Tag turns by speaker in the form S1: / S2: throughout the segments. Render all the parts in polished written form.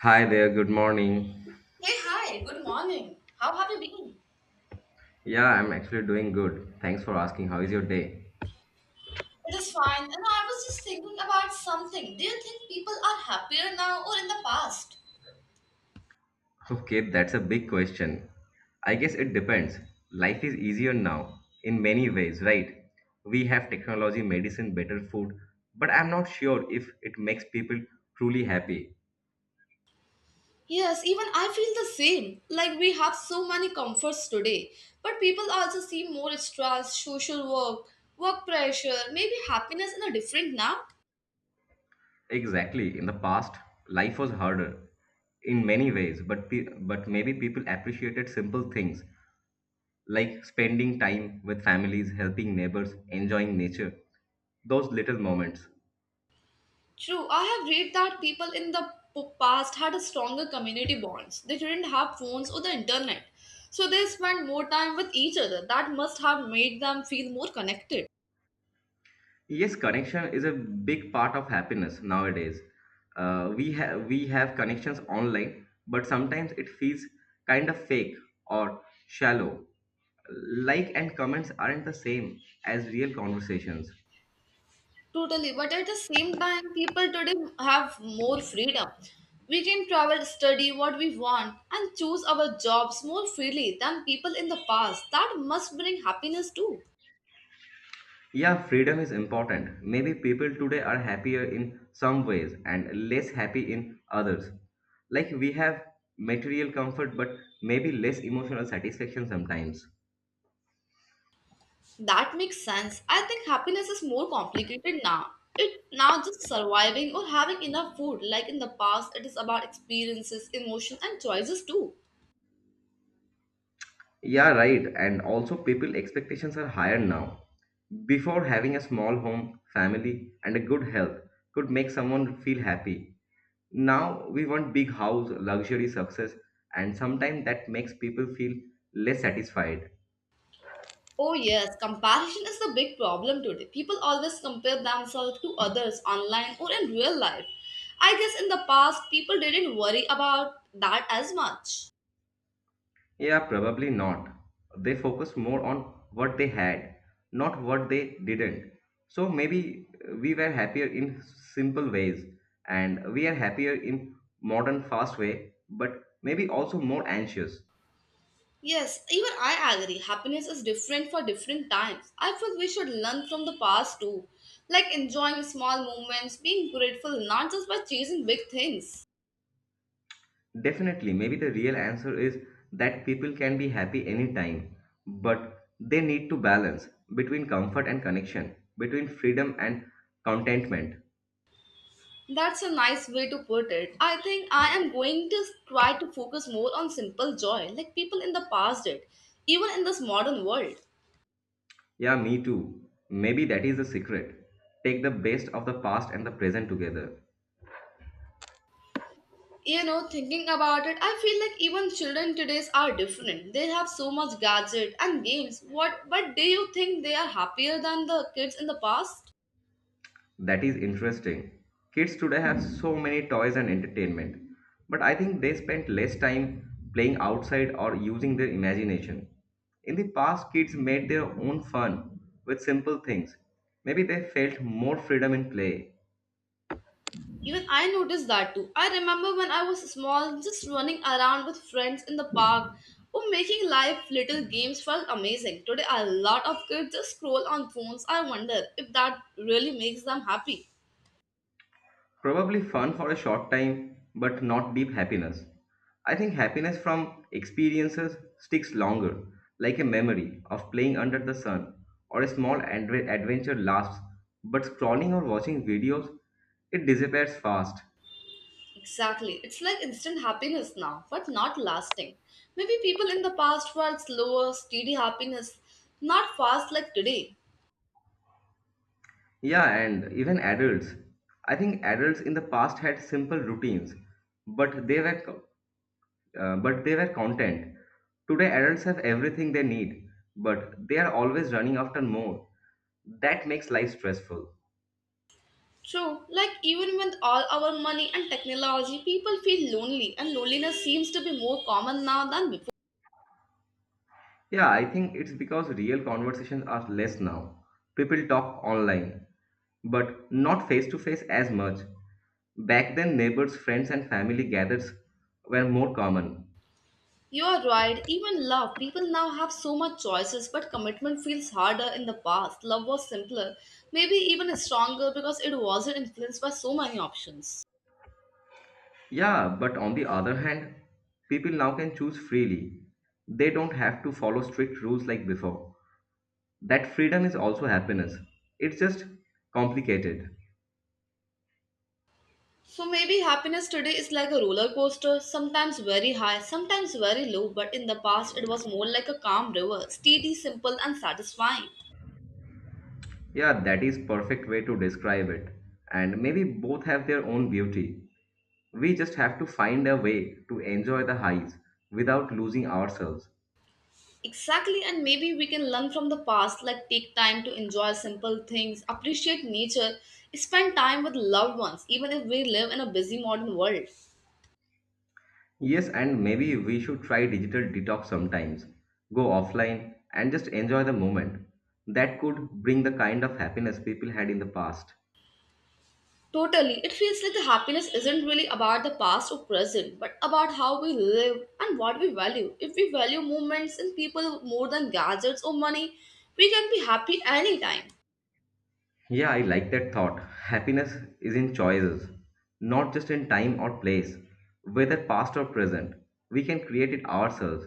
S1: Hi there, good morning.
S2: Hey, hi, good morning. How have you been?
S1: Yeah, I'm actually doing good. Thanks for asking. How is your day?
S2: It is fine, and I was just thinking about something. Do you think people are happier now or in the past?
S1: Okay, that's a big question. I guess it depends. Life is easier now in many ways, right? We have technology, medicine, better food, but I'm not sure if it makes people truly happy.
S2: Yes, even I feel the same. Like we have so many comforts today, but people also seem more stressed, social work, work pressure, maybe happiness in a different now.
S1: Exactly. In the past, life was harder in many ways, but but maybe people appreciated simple things like spending time with families, helping neighbors, enjoying nature, those little moments.
S2: True, I have read that people in the past had a stronger community bonds. They didn't have phones or the internet, so they spent more time with each other. That must have made them feel more connected.
S1: Yes, connection is a big part of happiness nowadays. We have connections online, but sometimes it feels kind of fake or shallow. Like and comments aren't the same as real conversations.
S2: Totally, but at the same time, people today have more freedom. We can travel, study what we want, and choose our jobs more freely than people in the past. That must bring happiness too.
S1: Yeah, freedom is important. Maybe people today are happier in some ways and less happy in others. Like we have material comfort, but maybe less emotional satisfaction sometimes.
S2: That makes sense. I think happiness is more complicated now. It now just surviving or having enough food. Like in the past, it is about experiences, emotion, and choices too.
S1: Yeah, right. And also, people expectations are higher now. Before, having a small home, family, and a good health could make someone feel happy. Now, we want big house, luxury, success, and sometimes that makes people feel less satisfied.
S2: Oh yes, comparison is the big problem today. People always compare themselves to others online or in real life. I guess in the past, people didn't worry about that as much.
S1: Yeah, probably not. They focused more on what they had, not what they didn't. So maybe we were happier in simple ways and we are happier in modern fast way, but maybe also more anxious.
S2: Yes, even I agree. Happiness is different for different times. I feel we should learn from the past too, like enjoying small moments, being grateful not just by chasing big things.
S1: Definitely, maybe the real answer is that people can be happy anytime, but they need to balance between comfort and connection, between freedom and contentment.
S2: That's a nice way to put it. I think I am going to try to focus more on simple joy, like people in the past did, even in this modern world.
S1: Yeah, me too. Maybe that is the secret. Take the best of the past and the present together.
S2: You know, thinking about it, I feel like even children today's are different. They have so much gadget and games. What but do you think they are happier than the kids in the past?
S1: That is interesting. Kids today have so many toys and entertainment, but I think they spend less time playing outside or using their imagination. In the past, kids made their own fun with simple things. Maybe they felt more freedom in play.
S2: Even I noticed that too. I remember when I was small, just running around with friends in the park or making live little games felt amazing. Today, a lot of kids just scroll on phones. I wonder if that really makes them happy.
S1: Probably fun for a short time, but not deep happiness. I think happiness from experiences sticks longer, like a memory of playing under the sun, or a small adventure lasts, but scrolling or watching videos, it disappears fast.
S2: Exactly. It's like instant happiness now, but not lasting. Maybe people in the past felt slower, steady happiness, not fast like today.
S1: Yeah, and even adults. I think adults in the past had simple routines, but they were content. Today, adults have everything they need, but they are always running after more. That makes life stressful.
S2: True, like even with all our money and technology, people feel lonely, and loneliness seems to be more common now than before.
S1: Yeah, I think it's because real conversations are less now. People talk online, but not face to face as much. Back then, neighbors, friends, and family gathers were more common.
S2: You are right, even love. People now have so much choices, but commitment feels harder in the past. Love was simpler, maybe even stronger because it wasn't influenced by so many options.
S1: Yeah, but on the other hand, people now can choose freely. They don't have to follow strict rules like before. That freedom is also happiness. It's just complicated.
S2: So maybe happiness today is like a roller coaster, sometimes very high, sometimes very low, but in the past it was more like a calm river, steady, simple, and satisfying.
S1: Yeah, that is perfect way to describe it, and maybe both have their own beauty. We just have to find a way to enjoy the highs without losing ourselves.
S2: Exactly, and maybe we can learn from the past, like take time to enjoy simple things, appreciate nature, spend time with loved ones, even if we live in a busy modern world.
S1: Yes, and maybe we should try digital detox sometimes, go offline and just enjoy the moment. That could bring the kind of happiness people had in the past.
S2: Totally. It feels like the happiness isn't really about the past or present, but about how we live and what we value. If we value movements and people more than gadgets or money, we can be happy anytime.
S1: Yeah, I like that thought. Happiness is in choices, not just in time or place, whether past or present. We can create it ourselves.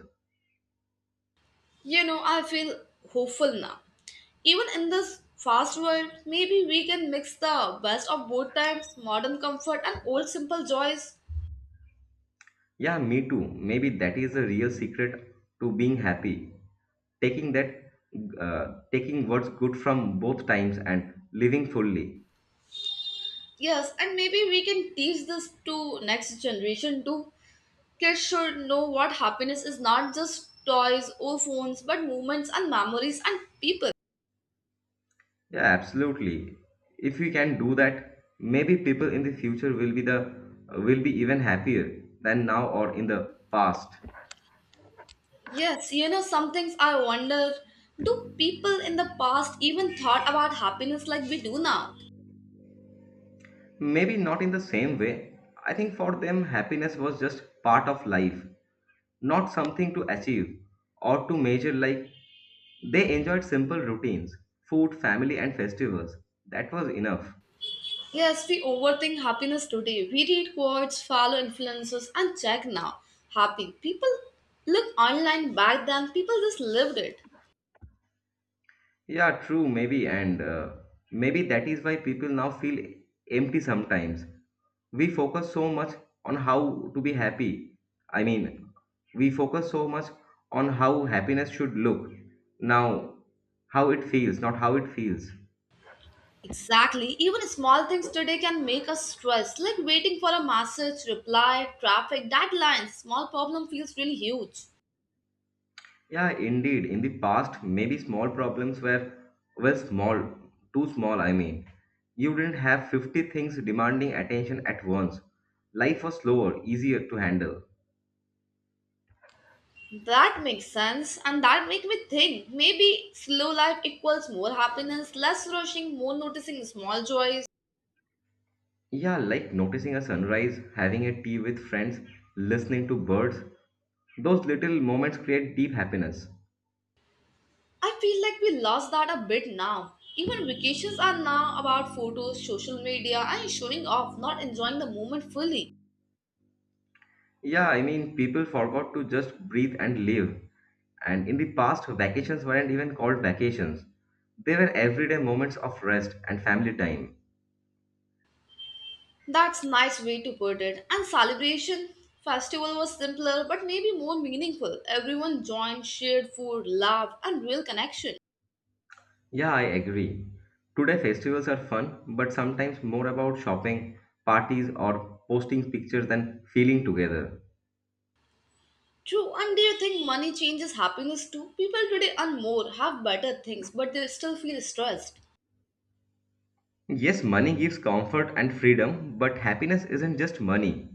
S2: You know, I feel hopeful now. Even in this fast world, maybe we can mix the best of both times modern comfort and old simple joys.
S1: Yeah, me too. Maybe that is the real secret to being happy. Taking that, taking what's good from both times and living fully.
S2: Yes, and maybe we can teach this to next generation too. Kids should know what happiness is not just toys or phones, but moments and memories and people.
S1: Yeah, absolutely. If we can do that, maybe people in the future will be even happier than now or in the past.
S2: Yes, you know, some things I wonder do people in the past even thought about happiness like we do now?
S1: Maybe not in the same way. I think for them, happiness was just part of life, not something to achieve or to measure, like they enjoyed simple routines, food, family, and festivals. That was enough.
S2: Yes, we overthink happiness today. We read quotes, follow influences, and check now. Happy. People look online back then, people just lived it.
S1: Yeah, true, maybe, and maybe that is why people now feel empty sometimes. We focus so much on how to be happy. I mean, we focus so much on how happiness should look. Now, how it feels, not how it feels.
S2: Exactly. Even small things today can make us stressed, like waiting for a message, reply, traffic, deadlines. Small problem feels really huge.
S1: Yeah, indeed. In the past, maybe small problems were, well, small, too small, I mean. You didn't have 50 things demanding attention at once. Life was slower, easier to handle.
S2: That makes sense, and that make me think maybe slow life equals more happiness, less rushing, more noticing small joys.
S1: Yeah, like noticing a sunrise, having a tea with friends, listening to birds. Those little moments create deep happiness.
S2: I feel like we lost that a bit now. Even vacations are now about photos, social media, and showing off, not enjoying the moment fully.
S1: Yeah, I mean, people forgot to just breathe and live. And in the past, vacations weren't even called vacations. They were everyday moments of rest and family time.
S2: That's nice way to put it. And celebration festival was simpler but maybe more meaningful. Everyone joined, shared food, laughed, and real connection.
S1: Yeah, I agree. Today, festivals are fun, but sometimes more about shopping, parties, or posting pictures than feeling together.
S2: True, and do you think money changes happiness too? People today earn more, have better things, but they still feel stressed.
S1: Yes, money gives comfort and freedom, but happiness isn't just money.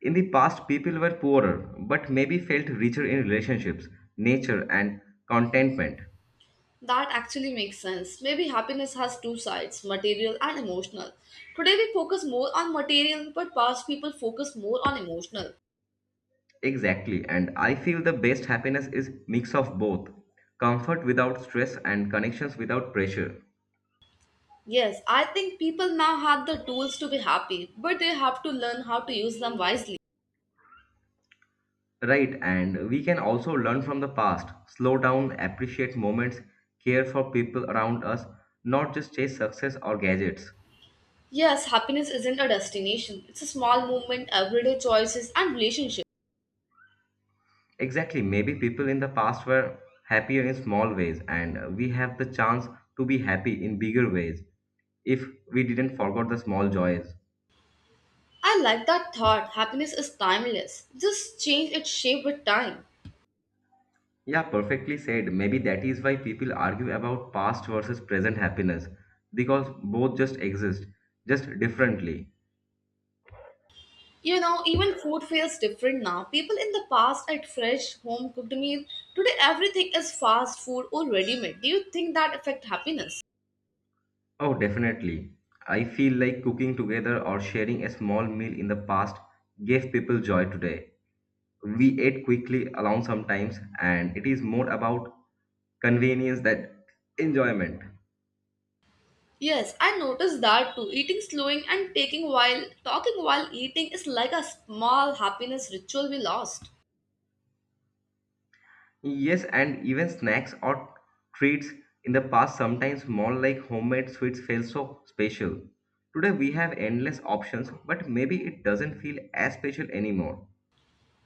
S1: In the past, people were poorer, but maybe felt richer in relationships, nature, and contentment.
S2: That actually makes sense. Maybe happiness has two sides, material and emotional. Today we focus more on material, but past people focus more on emotional.
S1: Exactly, and I feel the best happiness is mix of both. Comfort without stress and connections without pressure.
S2: Yes, I think people now have the tools to be happy, but they have to learn how to use them wisely.
S1: Right, and we can also learn from the past, slow down, appreciate moments, care for people around us, not just chase success or gadgets.
S2: Yes, happiness isn't a destination, it's a small movement, everyday choices, and relationships.
S1: Exactly. Maybe people in the past were happier in small ways, and we have the chance to be happy in bigger ways if we didn't forget the small joys.
S2: I like that thought. Happiness is timeless, just change its shape with time.
S1: Yeah, perfectly said. Maybe that is why people argue about past versus present happiness because both just exist, just differently.
S2: You know, even food feels different now. People in the past ate fresh, home cooked meal. Today, everything is fast food or ready made. Do you think that affect happiness?
S1: Oh, definitely. I feel like cooking together or sharing a small meal in the past gave people joy today. We ate quickly alone sometimes, and it is more about convenience that enjoyment.
S2: Yes, I noticed that too. Eating, slowing, and taking while talking while eating is like a small happiness ritual we lost.
S1: Yes, and even snacks or treats in the past sometimes small like homemade sweets felt so special. Today we have endless options, but maybe it doesn't feel as special anymore.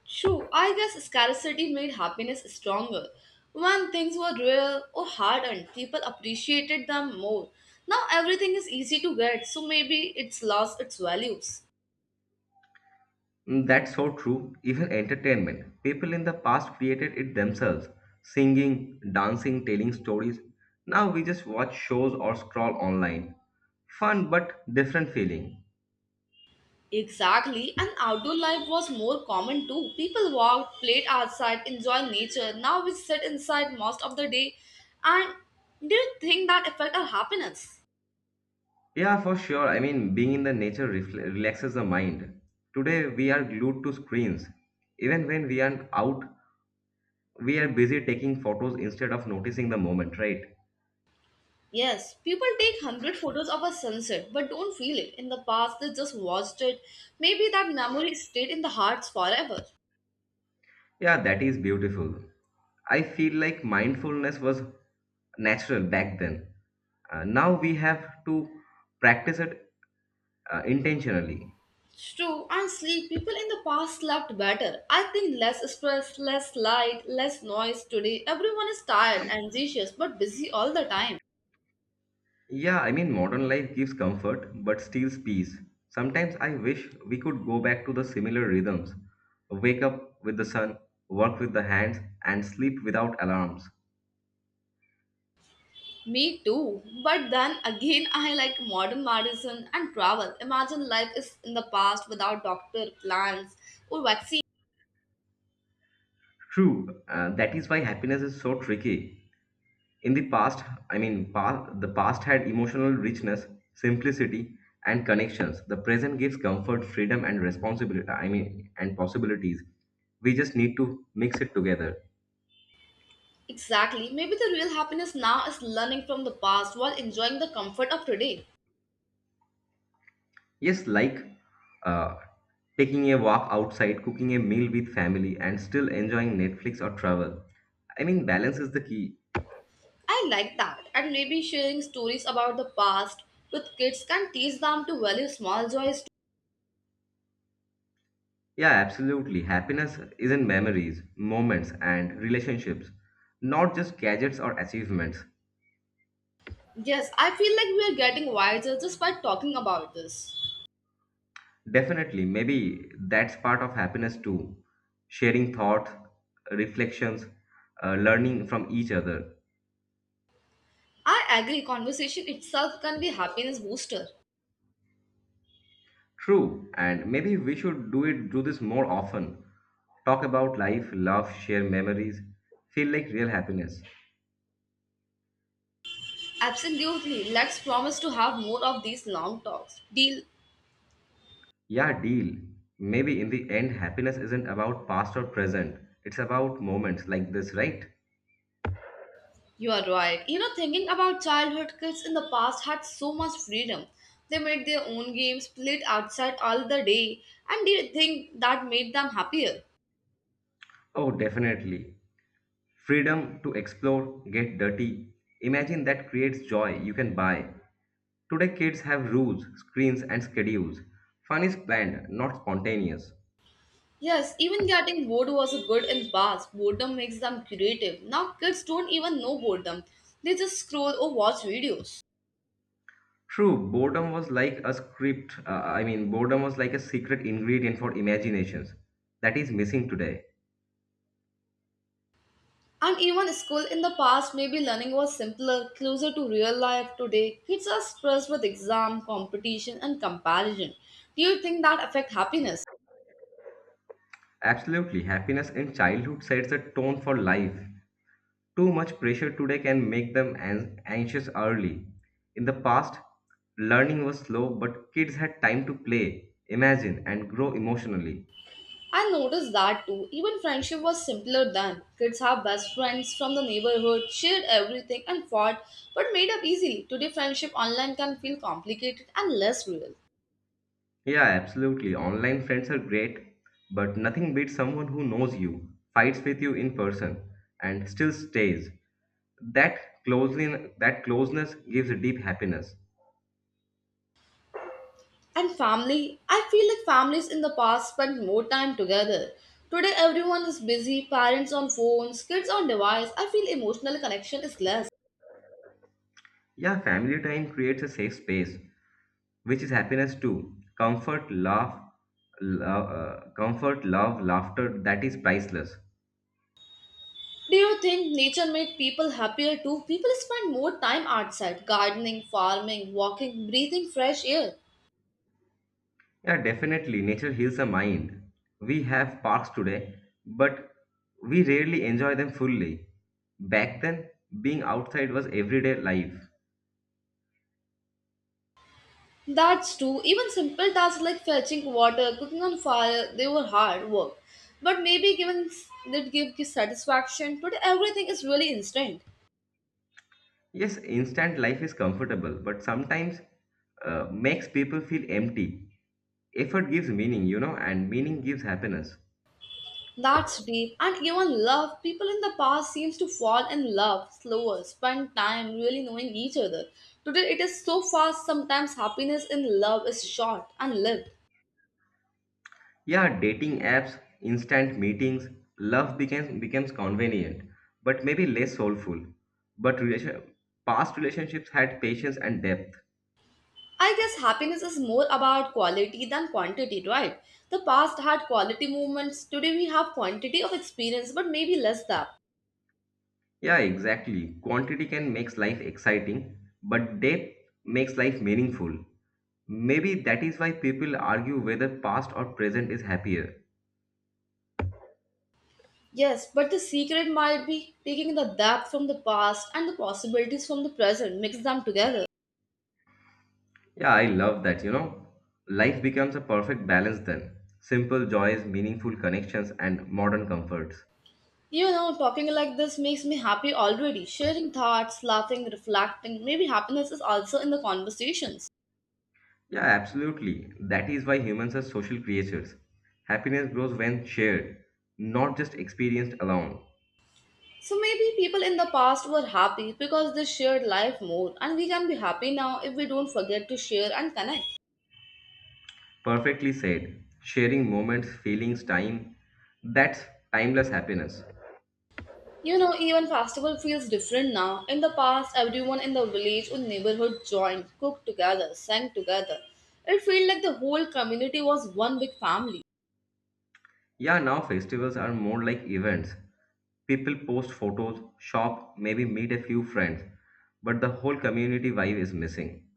S2: True, I guess scarcity made happiness stronger. When things were rare or hard earned, people appreciated them more. Now everything is easy to get, so maybe it's lost its values.
S1: Mm, that's so true. Even entertainment. People in the past created it themselves, singing, dancing, telling stories. Now we just watch shows or scroll online. Fun but different feeling.
S2: Exactly, and outdoor life was more common too. People walked, played outside, enjoyed nature. Now we sit inside most of the day. And do you think that affect our happiness?
S1: Yeah, for sure. I mean, being in the nature refle relaxes the mind. Today, we are glued to screens. Even when we aren't out, we are busy taking photos instead of noticing the moment, right?
S2: Yes, people take 100 photos of a sunset but don't feel it. In the past, they just watched it. Maybe that memory stayed in the hearts forever.
S1: Yeah, that is beautiful. I feel like mindfulness was natural back then. Now we have to practice it intentionally.
S2: It's true, and sleep. People in the past slept better. I think less stress, less light, less noise today. Everyone is tired, anxious, but busy all the time.
S1: Yeah, I mean, modern life gives comfort but steals peace. Sometimes I wish we could go back to the similar rhythms, wake up with the sun, work with the hands, and sleep without alarms.
S2: Me too. But then again, I like modern medicine and travel. Imagine life is in the past without doctor, plans, or vaccine.
S1: True, that is why happiness is so tricky. In the past, I mean, pa- the past had emotional richness, simplicity, and connections. The present gives comfort, freedom, and and possibilities. We just need to mix it together.
S2: Exactly. Maybe the real happiness now is learning from the past while enjoying the comfort of today.
S1: Yes, like uh, taking a walk outside, cooking a meal with family, and still enjoying Netflix or travel. I mean, balance is the key.
S2: I like that. And maybe sharing stories about the past with kids can teach them to value small joys.
S1: Yeah, absolutely. Happiness is in memories, moments, and relationships, not just gadgets or achievements.
S2: Too. Yes, I feel like we are getting wiser just by talking about this.
S1: Definitely, maybe that's part of happiness too. Sharing thoughts, reflections, learning from each other.
S2: I agree, conversation itself can be happiness booster.
S1: True, and maybe we should do this more often. Talk about life, love, share memories, feel like real happiness.
S2: Absolutely. Let's promise to have more of these long talks. Deal,
S1: Yeah, deal. Maybe in the end happiness isn't about past or present. It's about moments like this, right?
S2: you are right. You know, thinking about childhood, kids in the past had so much freedom. They made their own games, played outside all the day, and did think that made them happier.
S1: Oh, definitely. Freedom to explore, get dirty. Imagine that creates joy you can buy. Today kids have rules, screens and schedules. Fun is planned, not spontaneous.
S2: Yes, even getting bored was a good in the past. Boredom makes them creative. Now kids don't even know boredom. They just scroll or watch videos.
S1: True, boredom was like a script. Boredom was like a secret ingredient for imaginations that is missing today.
S2: And even school in the past, maybe learning was simpler, closer to real life today. Kids are stressed with exam, competition, and comparison. Do you think that affect happiness?
S1: Absolutely, happiness in childhood sets a tone for life. Too much pressure today can make them anxious early. In the past, learning was slow, but kids had time to play, imagine, and grow emotionally.
S2: I noticed that too. Even friendship was simpler then. Kids have best friends from the neighborhood, shared everything and fought, but made up easily. Today, friendship online can feel complicated and less real.
S1: Yeah, absolutely. Online friends are great, but nothing beats someone who knows you, fights with you in person, and still stays. That closely that closeness gives a deep happiness.
S2: And family, I feel like families in the past spent more time together. Today everyone is busy, parents on phones, kids on device. I feel emotional connection is less.
S1: Yeah, family time creates a safe space, which is happiness too. Comfort, love, laughter, that is priceless.
S2: Do you think nature made people happier too? People spend more time outside, gardening, farming, walking, breathing fresh air.
S1: Yeah, definitely. Nature heals the mind. We have parks today, but we rarely enjoy them fully. Back then, being outside was everyday life.
S2: That's true. Even simple tasks like fetching water, cooking on fire, they were hard work. But maybe given that give satisfaction, but everything is really instant.
S1: Yes, instant life is comfortable, but sometimes makes people feel empty. Effort gives meaning, you know, and meaning gives happiness.
S2: That's deep. And even love, people in the past seems to fall in love slower, spend time really knowing each other. Today it is so fast, sometimes happiness in love is short and lived.
S1: Yeah, dating apps, instant meetings, love becomes convenient, but maybe less soulful. But relation, past relationships had patience and depth.
S2: I guess happiness is more about quality than quantity, right? The past had quality moments, today we have quantity of experience but maybe less depth.
S1: Yeah, exactly. Quantity can makes life exciting, but depth makes life meaningful. Maybe that is why people argue whether past or present is happier.
S2: Yes, but the secret might be taking the depth from the past and the possibilities from the present, mix them together.
S1: Yeah, I love that, you know. Life becomes a perfect balance then. Simple joys, meaningful connections, and modern comforts.
S2: You know, talking like this makes me happy already. Sharing thoughts, laughing, reflecting. Maybe happiness is also in the conversations.
S1: Yeah, absolutely. That is why humans are social creatures. Happiness grows when shared, not just experienced alone.
S2: So maybe people in the past were happy because they shared life more, and we can be happy now if we don't forget to share and connect.
S1: Perfectly said. Sharing moments, feelings, time. That's timeless happiness.
S2: You know, even festival feels different now. In the past, everyone in the village or neighborhood joined, cooked together, sang together. It felt like the whole community was one big family.
S1: Yeah, now festivals are more like events. People post photos, shop, maybe meet a few friends, but the whole community vibe is missing.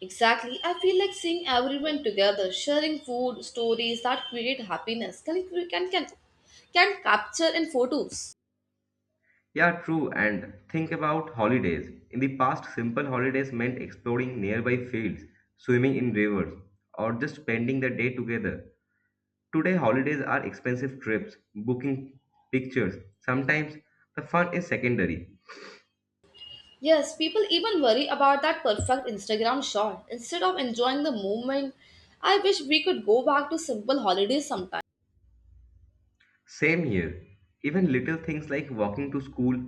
S2: Exactly. I feel like seeing everyone together, sharing food, stories that create happiness, can capture in photos.
S1: Yeah, true, and think about holidays. In the past, simple holidays meant exploring nearby fields, swimming in rivers, or just spending the day together. Today, holidays are expensive trips, booking pictures. Sometimes the fun is secondary.
S2: Yes, people even worry about that perfect Instagram shot. Instead of enjoying the moment, I wish we could go back to simple holidays sometime.
S1: Same here. Even little things like walking to school,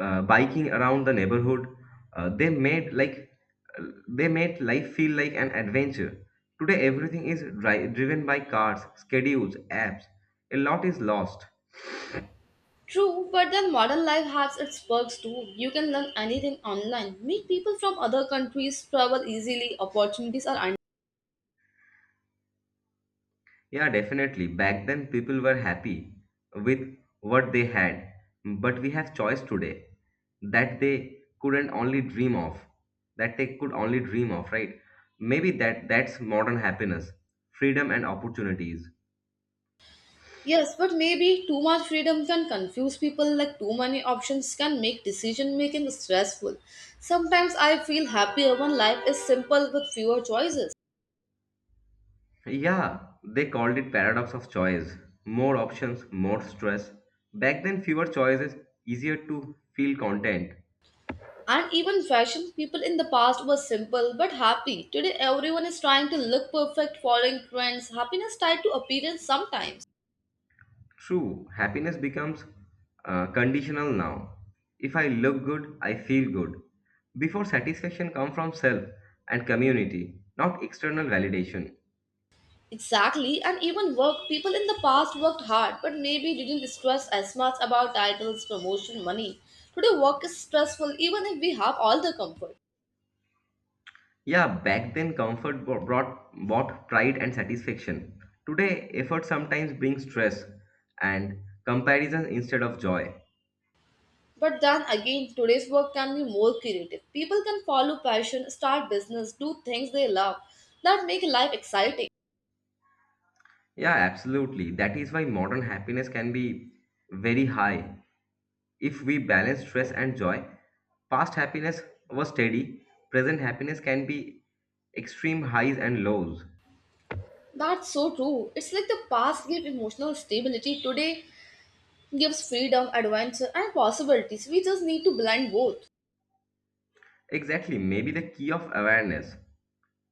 S1: biking around the neighborhood, uh, they made like they made life feel like an adventure. Today everything is driven by cars, schedules, apps. A lot is lost.
S2: True, but then modern life has its perks too. You can learn anything online, meet people from other countries, travel easily, opportunities are
S1: Yeah, definitely. Back then, people were happy with what they had, but we have choice today that they couldn't only dream of, that they could only dream of, right? Maybe that's modern happiness, freedom and opportunities.
S2: Yes, but maybe too much freedom can confuse people, like too many options can make decision making stressful. Sometimes I feel happier when life is simple with fewer choices.
S1: Yeah, they called it paradox of choice. More options, more stress. Back then, fewer choices, easier to feel content.
S2: And even fashion, people in the past were simple but happy. Today, everyone is trying to look perfect, following trends, happiness tied to appearance sometimes.
S1: True, happiness becomes conditional now. If I look good, I feel good. Before satisfaction come from self and community, not external validation.
S2: Exactly, and even work, people in the past worked hard but maybe didn't stress as much about titles, promotion, money. Today, work is stressful even if we have all the comfort.
S1: Yeah, back then comfort bro- brought bought pride and satisfaction. Today, effort sometimes brings stress and comparison instead of joy.
S2: But then again, today's work can be more creative. People can follow passion, start business, do things they love that make life exciting.
S1: Yeah, absolutely. That is why modern happiness can be very high if we balance stress and joy. Past happiness was steady, present happiness can be extreme highs and lows.
S2: That's so true. It's like the past gave emotional stability, today gives freedom, adventure, and possibilities. We just need to blend both.
S1: Exactly, maybe the key of awareness.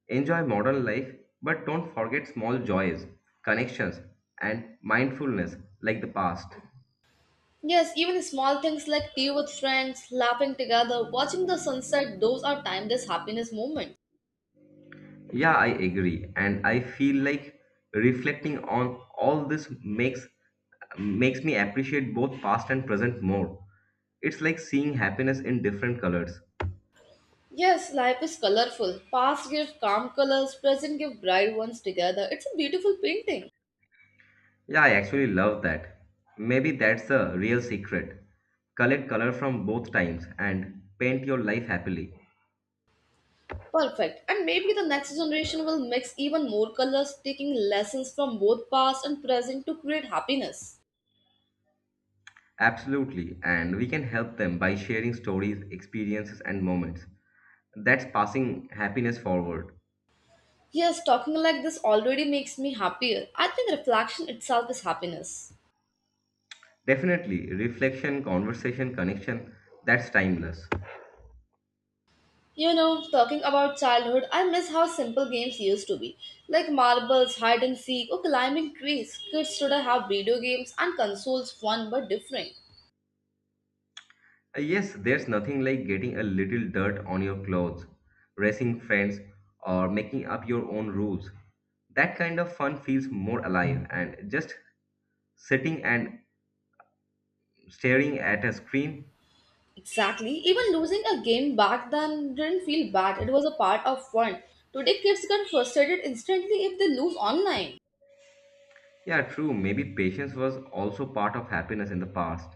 S1: Enjoy modern life, but don't forget small joys, connections, and mindfulness like the past.
S2: Yes, even small things like tea with friends, laughing together, watching the sunset, those are timeless happiness moments.
S1: Yeah, I agree. And I feel like reflecting on all this makes me appreciate both past and present more. It's like seeing happiness in different colors.
S2: Yes, life is colorful. Past give calm colors, present give bright ones together. It's a beautiful painting.
S1: Yeah, I actually love that. Maybe that's the real secret. Collect color from both times and paint your life happily.
S2: Perfect. And maybe the next generation will mix even more colors, taking lessons from both past and present to create happiness.
S1: Absolutely. And we can help them by sharing stories, experiences and moments. That's passing happiness forward.
S2: Yes, talking like this already makes me happier. I think reflection itself is happiness.
S1: Definitely, reflection, conversation, connection, that's timeless.
S2: You know, talking about childhood, I miss how simple games used to be, like marbles, hide and seek, or climbing trees. Kids today have video games and consoles, fun but different.
S1: Yes, there's nothing like getting a little dirt on your clothes, racing friends, or making up your own rules. That kind of fun feels more alive, and just sitting and staring at a screen.
S2: Exactly. Even losing a game back then didn't feel bad. It was a part of fun. Today, kids get frustrated instantly if they lose online.
S1: Yeah, true, maybe patience was also part of happiness in the past.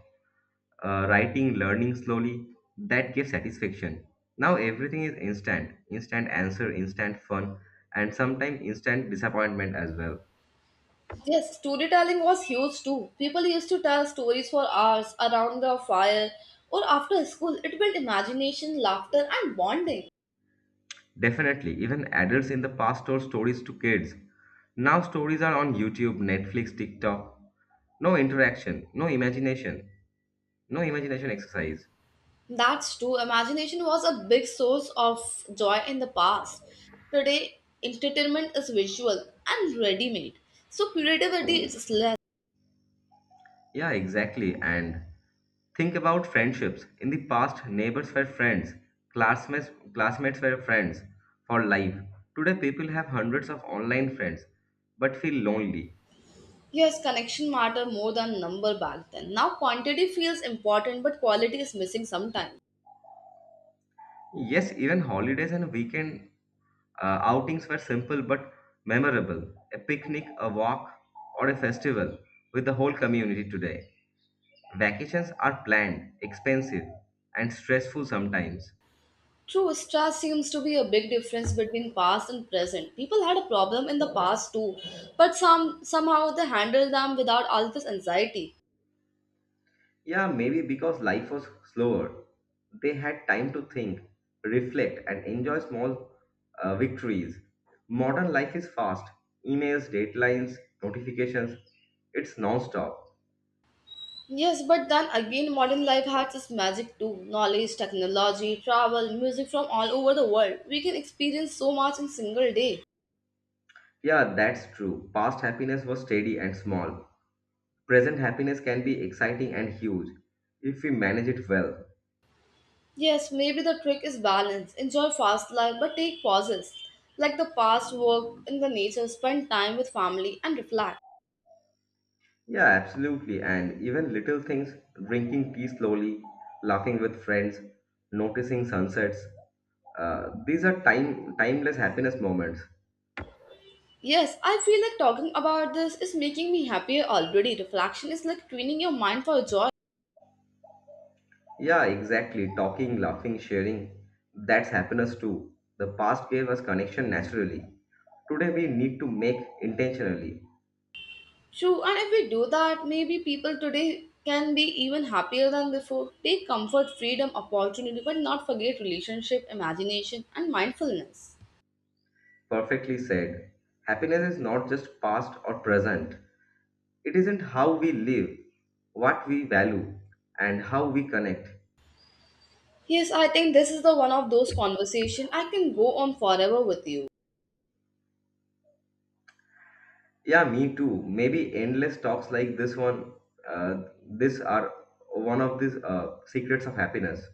S1: Writing, learning slowly, that gives satisfaction. Now everything is instant, instant answer, instant fun, and sometimes instant disappointment as well.
S2: Yes, storytelling was huge too. People used to tell stories for hours around the fire or after school. It built imagination, laughter, and bonding.
S1: Definitely, even adults in the past told stories to kids. Now stories are on YouTube, Netflix, TikTok. No interaction, no imagination, no imagination exercise.
S2: That's true. Imagination was a big source of joy in the past. Today, entertainment is visual and ready made. So, creativity is less.
S1: Yeah, exactly. And think about friendships. In the past, neighbors were friends, classmates were friends for life. Today, people have hundreds of online friends but feel lonely.
S2: Yes, connection matter more than number back then. Now quantity feels important but quality is missing sometimes.
S1: Yes, even holidays and weekend outings were simple but memorable, a picnic, a walk, or a festival with the whole community today. Vacations are planned, expensive, and stressful sometimes.
S2: True, stress seems to be a big difference between past and present. People had a problem in the past too, but somehow they handled them without all this anxiety.
S1: Yeah, maybe because life was slower. They had time to think, reflect, and enjoy small victories. Modern life is fast, emails, deadlines, notifications. It's non-stop.
S2: Yes, but then again modern life has its magic too. Knowledge, technology, travel, music from all over the world. We can experience so much in single day.
S1: Yeah, that's true. Past happiness was steady and small. Present happiness can be exciting and huge if we manage it well.
S2: Yes, maybe the trick is balance. Enjoy fast life but take pauses. Like the past work in the nature, spend time with family and reflect.
S1: Yeah, absolutely. And even little things, drinking tea slowly, laughing with friends, noticing sunsets, these are timeless happiness moments.
S2: Yes, I feel like talking about this is making me happier already. Reflection is like training your mind for joy.
S1: Yeah, exactly. Talking, laughing, sharing, that's happiness too. The past gave us connection naturally. Today we need to make intentionally.
S2: True, and if we do that, maybe people today can be even happier than before. Take comfort, freedom, opportunity, but not forget relationship, imagination, and mindfulness.
S1: Perfectly said. Happiness is not just past or present. It isn't how we live, what we value, and how we connect.
S2: Yes, I think this is the one of those conversation I can go on forever with you.
S1: Yeah, me too. Maybe endless talks like this one, this are one of these secrets of happiness.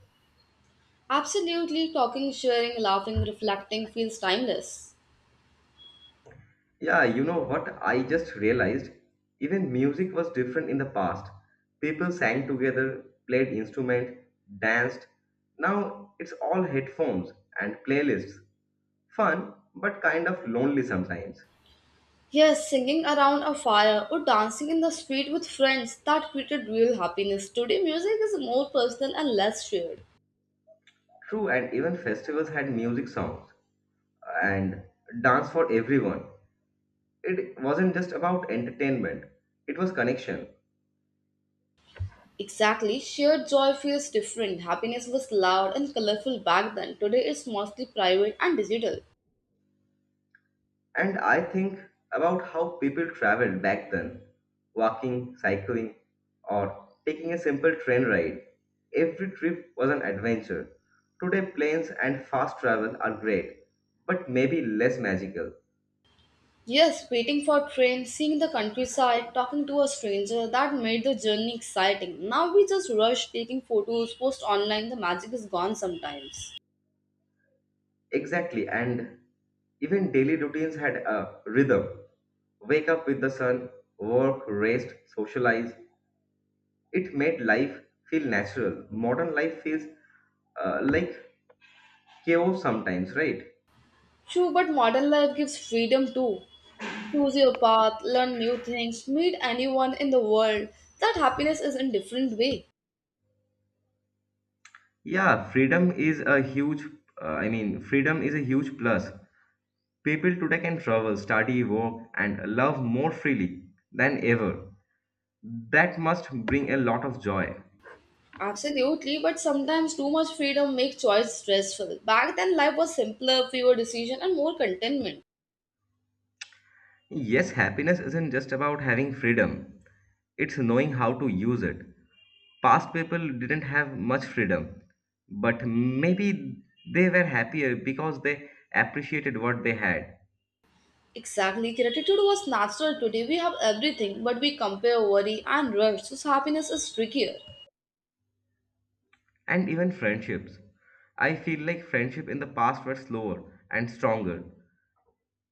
S2: Absolutely, talking, sharing, laughing, reflecting feels timeless.
S1: Yeah, you know what? I just realized even music was different in the past. People sang together, played instrument, danced. Now it's all headphones and playlists. Fun, but kind of lonely sometimes.
S2: Yes, singing around a fire or dancing in the street with friends that created real happiness. Today, music is more personal and less shared.
S1: True, and even festivals had music songs and dance for everyone. It wasn't just about entertainment, it was connection.
S2: Exactly, shared joy feels different. Happiness was loud and colorful back then. Today, it's mostly private and digital.
S1: And I think about how people traveled back then, walking, cycling, or taking a simple train ride. Every trip was an adventure. Today, planes and fast travel are great, but maybe less magical.
S2: Yes, waiting for train, seeing the countryside, talking to a stranger, that made the journey exciting. Now we just rush, taking photos, post online, the magic is gone sometimes.
S1: Exactly, and even daily routines had a rhythm. Wake up with the sun, work, rest, socialize. It made life feel natural. Modern life feels like chaos sometimes, right?
S2: True, but modern life gives freedom too. Choose your path, learn new things, meet anyone in the world. That happiness is in different way.
S1: Yeah, freedom is a freedom is a huge plus. People today can travel, study, work, and love more freely than ever. That must bring a lot of joy.
S2: Absolutely, but sometimes too much freedom makes choice stressful. Back then, life was simpler, fewer decisions, and more contentment.
S1: Yes, happiness isn't just about having freedom, it's knowing how to use it. Past people didn't have much freedom, but maybe they were happier because they appreciated what they had.
S2: Exactly, gratitude was natural today. We have everything, but we compare worry and rush, so happiness is trickier.
S1: And even friendships. I feel like friendship in the past were slower and stronger.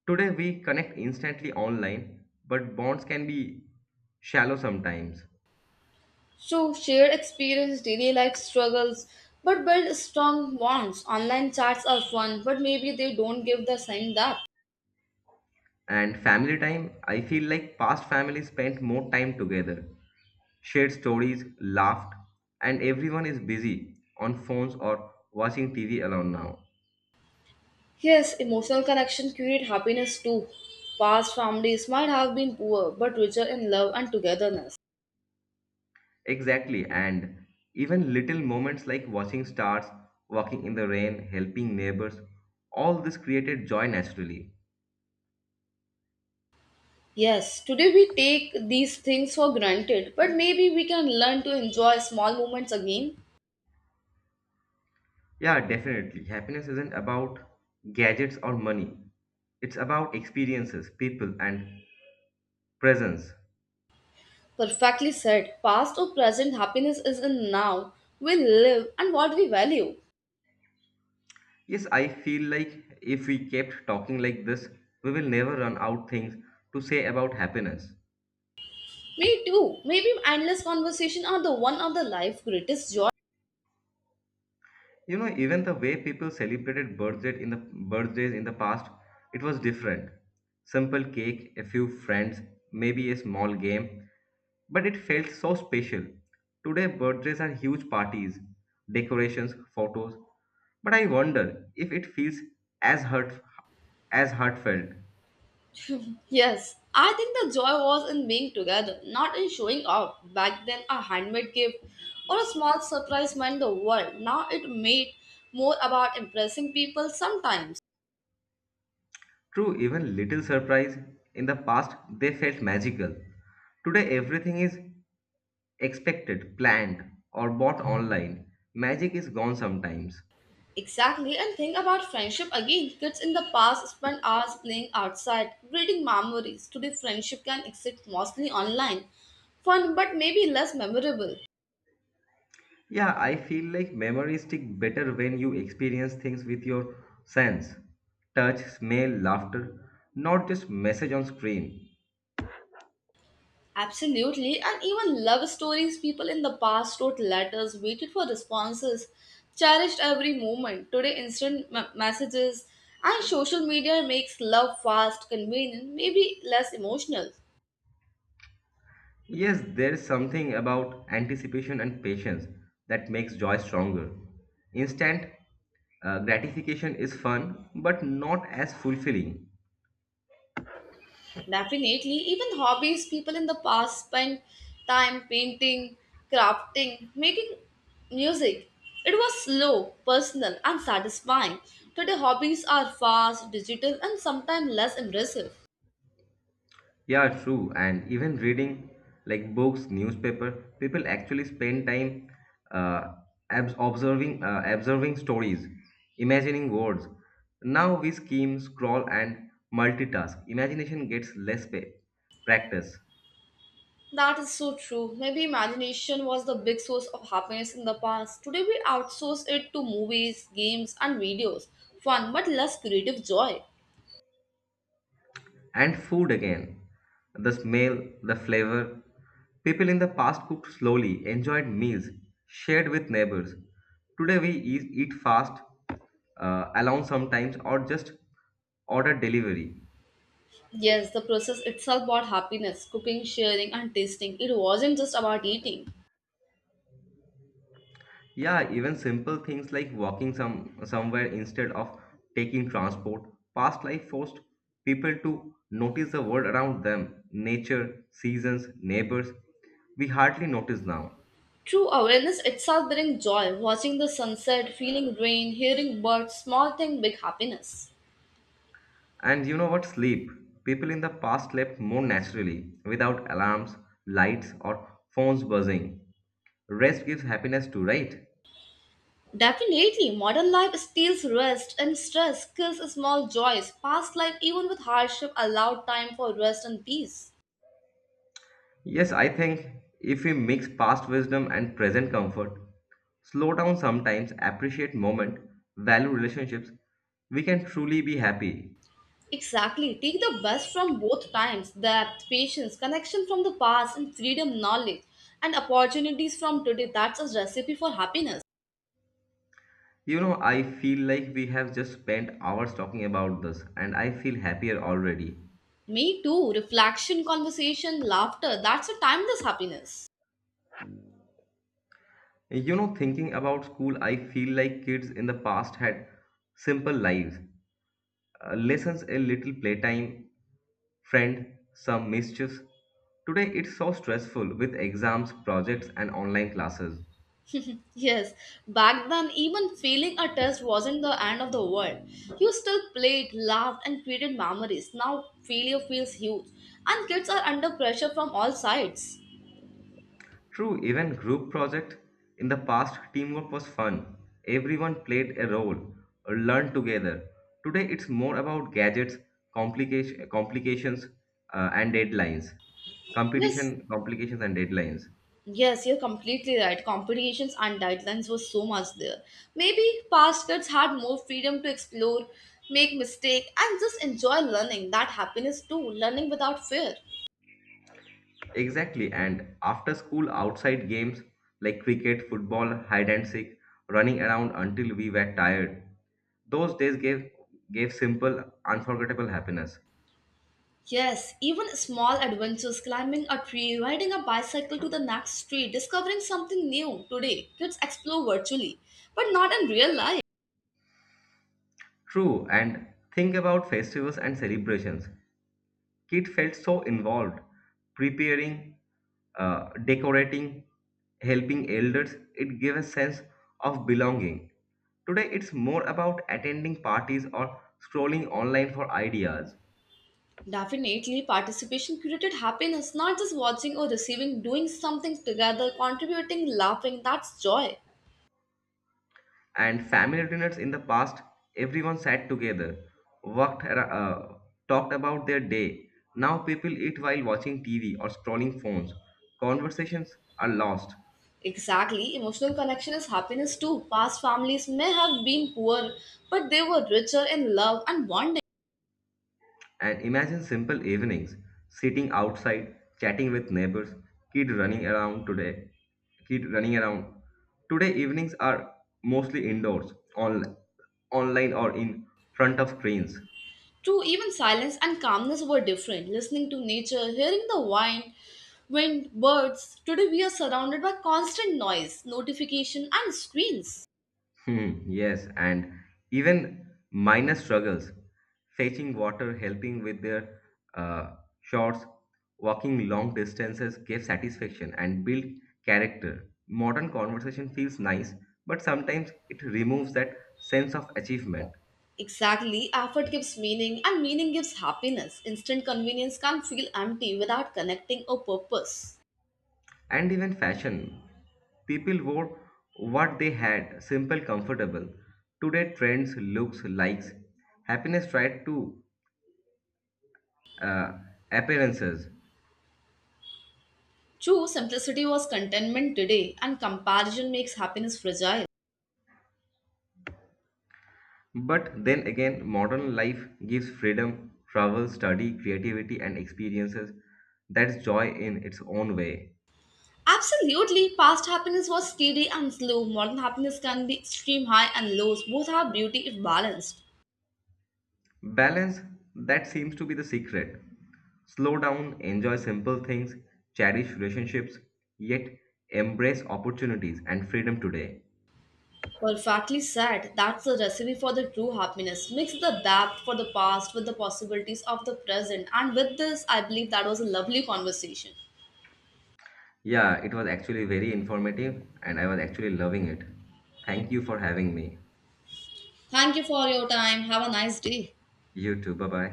S1: Today we connect instantly online, but bonds can be shallow sometimes.
S2: So share experience, daily life struggles, but build strong bonds. Online chats are fun, but maybe they don't give the same depth.
S1: And family time, I feel like past families spent more time together, shared stories, laughed, and everyone is busy on phones or watching TV alone now.
S2: Yes, emotional connection create happiness too. Past families might have been poor, but richer in love and togetherness.
S1: Exactly, and even little moments like watching stars, walking in the rain, helping neighbors, all this created joy naturally.
S2: Yes, today we take these things for granted, but maybe we can learn to enjoy small moments again.
S1: Yeah, definitely. Happiness isn't about gadgets or money, it's about experiences, people, and presence.
S2: Perfectly said, past or present happiness is in now. We live and what we value.
S1: Yes, I feel like if we kept talking like this, we will never run out things to say about happiness.
S2: Me too. Maybe endless conversation are the one of the life greatest joy.
S1: You know, even the way people celebrated birthdays in the past, it was different. Simple cake, a few friends, maybe a small game, but it felt so special. Today birthdays are huge parties, decorations, photos, but I wonder if it feels as hurt as heartfelt.
S2: Yes, I think the joy was in being together, not in showing off. Back then, a handmade gift or a small surprise meant the world. Now it made more about impressing people sometimes.
S1: True, even little surprise in the past they felt magical. Today everything is expected, planned, or bought online. Magic is gone sometimes.
S2: Exactly, and think about friendship again. Kids in the past spent hours playing outside, creating memories. Today, friendship can exist mostly online. Fun, but maybe less memorable.
S1: Yeah, I feel like memories stick better when you experience things with your sense, touch, smell, laughter, not just message on screen.
S2: Absolutely, and even love stories people in the past wrote letters, waited for responses, cherished every moment. Today, instant messages and social media makes love fast, convenient, maybe less emotional.
S1: Yes, there is something about anticipation and patience that makes joy stronger. Instant gratification is fun, but not as fulfilling.
S2: Definitely, even hobbies people in the past spent time painting, crafting, making music. It was slow, personal, and satisfying. Today, hobbies are fast, digital, and sometimes less impressive.
S1: Yeah, true. And even reading like books, newspaper, people actually spend time uh, observing stories, imagining words. Now we scheme, scroll, and multitask. Imagination gets less practice.
S2: That is so true. Maybe imagination was the big source of happiness in the past. Today we outsource it to movies, games, and videos. Fun, but less creative joy.
S1: And food again. The smell, the flavor. People in the past cooked slowly, enjoyed meals, shared with neighbors. Today we eat fast, alone sometimes, or just order delivery.
S2: Yes, the process itself brought happiness. Cooking, sharing, and tasting. It wasn't just about eating.
S1: Yeah, even simple things like walking somewhere instead of taking transport. Past life forced people to notice the world around them, nature, seasons, neighbors. We hardly notice now.
S2: True awareness itself brings joy. Watching the sunset, feeling rain, hearing birds, small thing, big happiness.
S1: And you know what? Sleep. People in the past slept more naturally, without alarms, lights, or phones buzzing. Rest gives happiness too, right?
S2: Definitely, modern life steals rest and stress, kills small joys. Past life, even with hardship, allowed time for rest and peace.
S1: Yes, I think if we mix past wisdom and present comfort, slow down sometimes, appreciate moment, value relationships, we can truly be happy.
S2: Exactly. Take the best from both times that patience, connection from the past, and freedom, knowledge, and opportunities from today. That's a recipe for happiness.
S1: You know, I feel like we have just spent hours talking about this, and I feel happier already.
S2: Me too. Reflection, conversation, laughter. That's a timeless happiness.
S1: You know, thinking about school, I feel like kids in the past had simple lives. Lessons, a little playtime, friend, some mischiefs. Today it's so stressful with exams, projects, and online classes.
S2: Yes, back then, even failing a test wasn't the end of the world. You still played, laughed, and created memories. Now, failure feels huge, and kids are under pressure from all sides.
S1: True, even group project. In the past, teamwork was fun. Everyone played a role, or learned together. Today it's more about gadgets, complications, and deadlines.
S2: Yes,
S1: Competition, complications, and deadlines.
S2: Yes, you're completely right. Competitions and deadlines were so much there. Maybe past kids had more freedom to explore, make mistake, and just enjoy learning. That happiness too, learning without fear.
S1: Exactly, and after school outside games like cricket, football, hide and seek, running around until we were tired. Those days gave simple, unforgettable happiness.
S2: Yes, even small adventures, climbing a tree, riding a bicycle to the next tree, discovering something new. Today, kids explore virtually, but not in real life.
S1: True, and think about festivals and celebrations. Kid felt so involved, preparing, decorating, helping elders. It gave a sense of belonging. Today, it's more about attending parties or scrolling online for ideas.
S2: Definitely, participation created happiness, not just watching or receiving, doing something together, contributing, laughing. That's joy.
S1: And family dinners in the past, everyone sat together, worked ar- uh, talked about their day. Now people eat while watching TV or scrolling phones. Conversations are lost.
S2: Exactly. Emotional connection is happiness too. Past families may have been poor, but they were richer in love and bonding.
S1: And imagine simple evenings, sitting outside chatting with neighbors, kid running around today kid running around today, evenings are mostly indoors on online or in front of screens.
S2: True, even silence and calmness were different. Listening to nature, hearing the wind, birds. Today we are surrounded by constant noise, notification, and screens.
S1: Yes, and even minor struggles, fetching water, helping with their uh, shorts, walking long distances give satisfaction and build character. Modern conversation feels nice, but sometimes it removes that sense of achievement.
S2: Exactly. Effort gives meaning, and meaning gives happiness. Instant convenience can feel empty without connecting or purpose.
S1: And even fashion, people wore what they had, simple, comfortable. Today, trends, looks, likes, happiness tried to uh, appearances.
S2: True, simplicity was contentment today, and comparison makes happiness fragile.
S1: But then again, modern life gives freedom, travel, study, creativity, and experiences. That's joy in its own way.
S2: Absolutely, past happiness was steady and slow. Modern happiness can be extreme high and lows. Both have beauty if balanced.
S1: Balance, that seems to be the secret. Slow down, enjoy simple things, cherish relationships, yet embrace opportunities and freedom today.
S2: Perfectly said. That's the recipe for the true happiness. Mix the depth for the past with the possibilities of the present. And with this, I believe that was a lovely conversation.
S1: Yeah, it was actually very informative and I was actually loving it. Thank you for having me.
S2: Thank you for your time. Have a nice day.
S1: You too. Bye bye.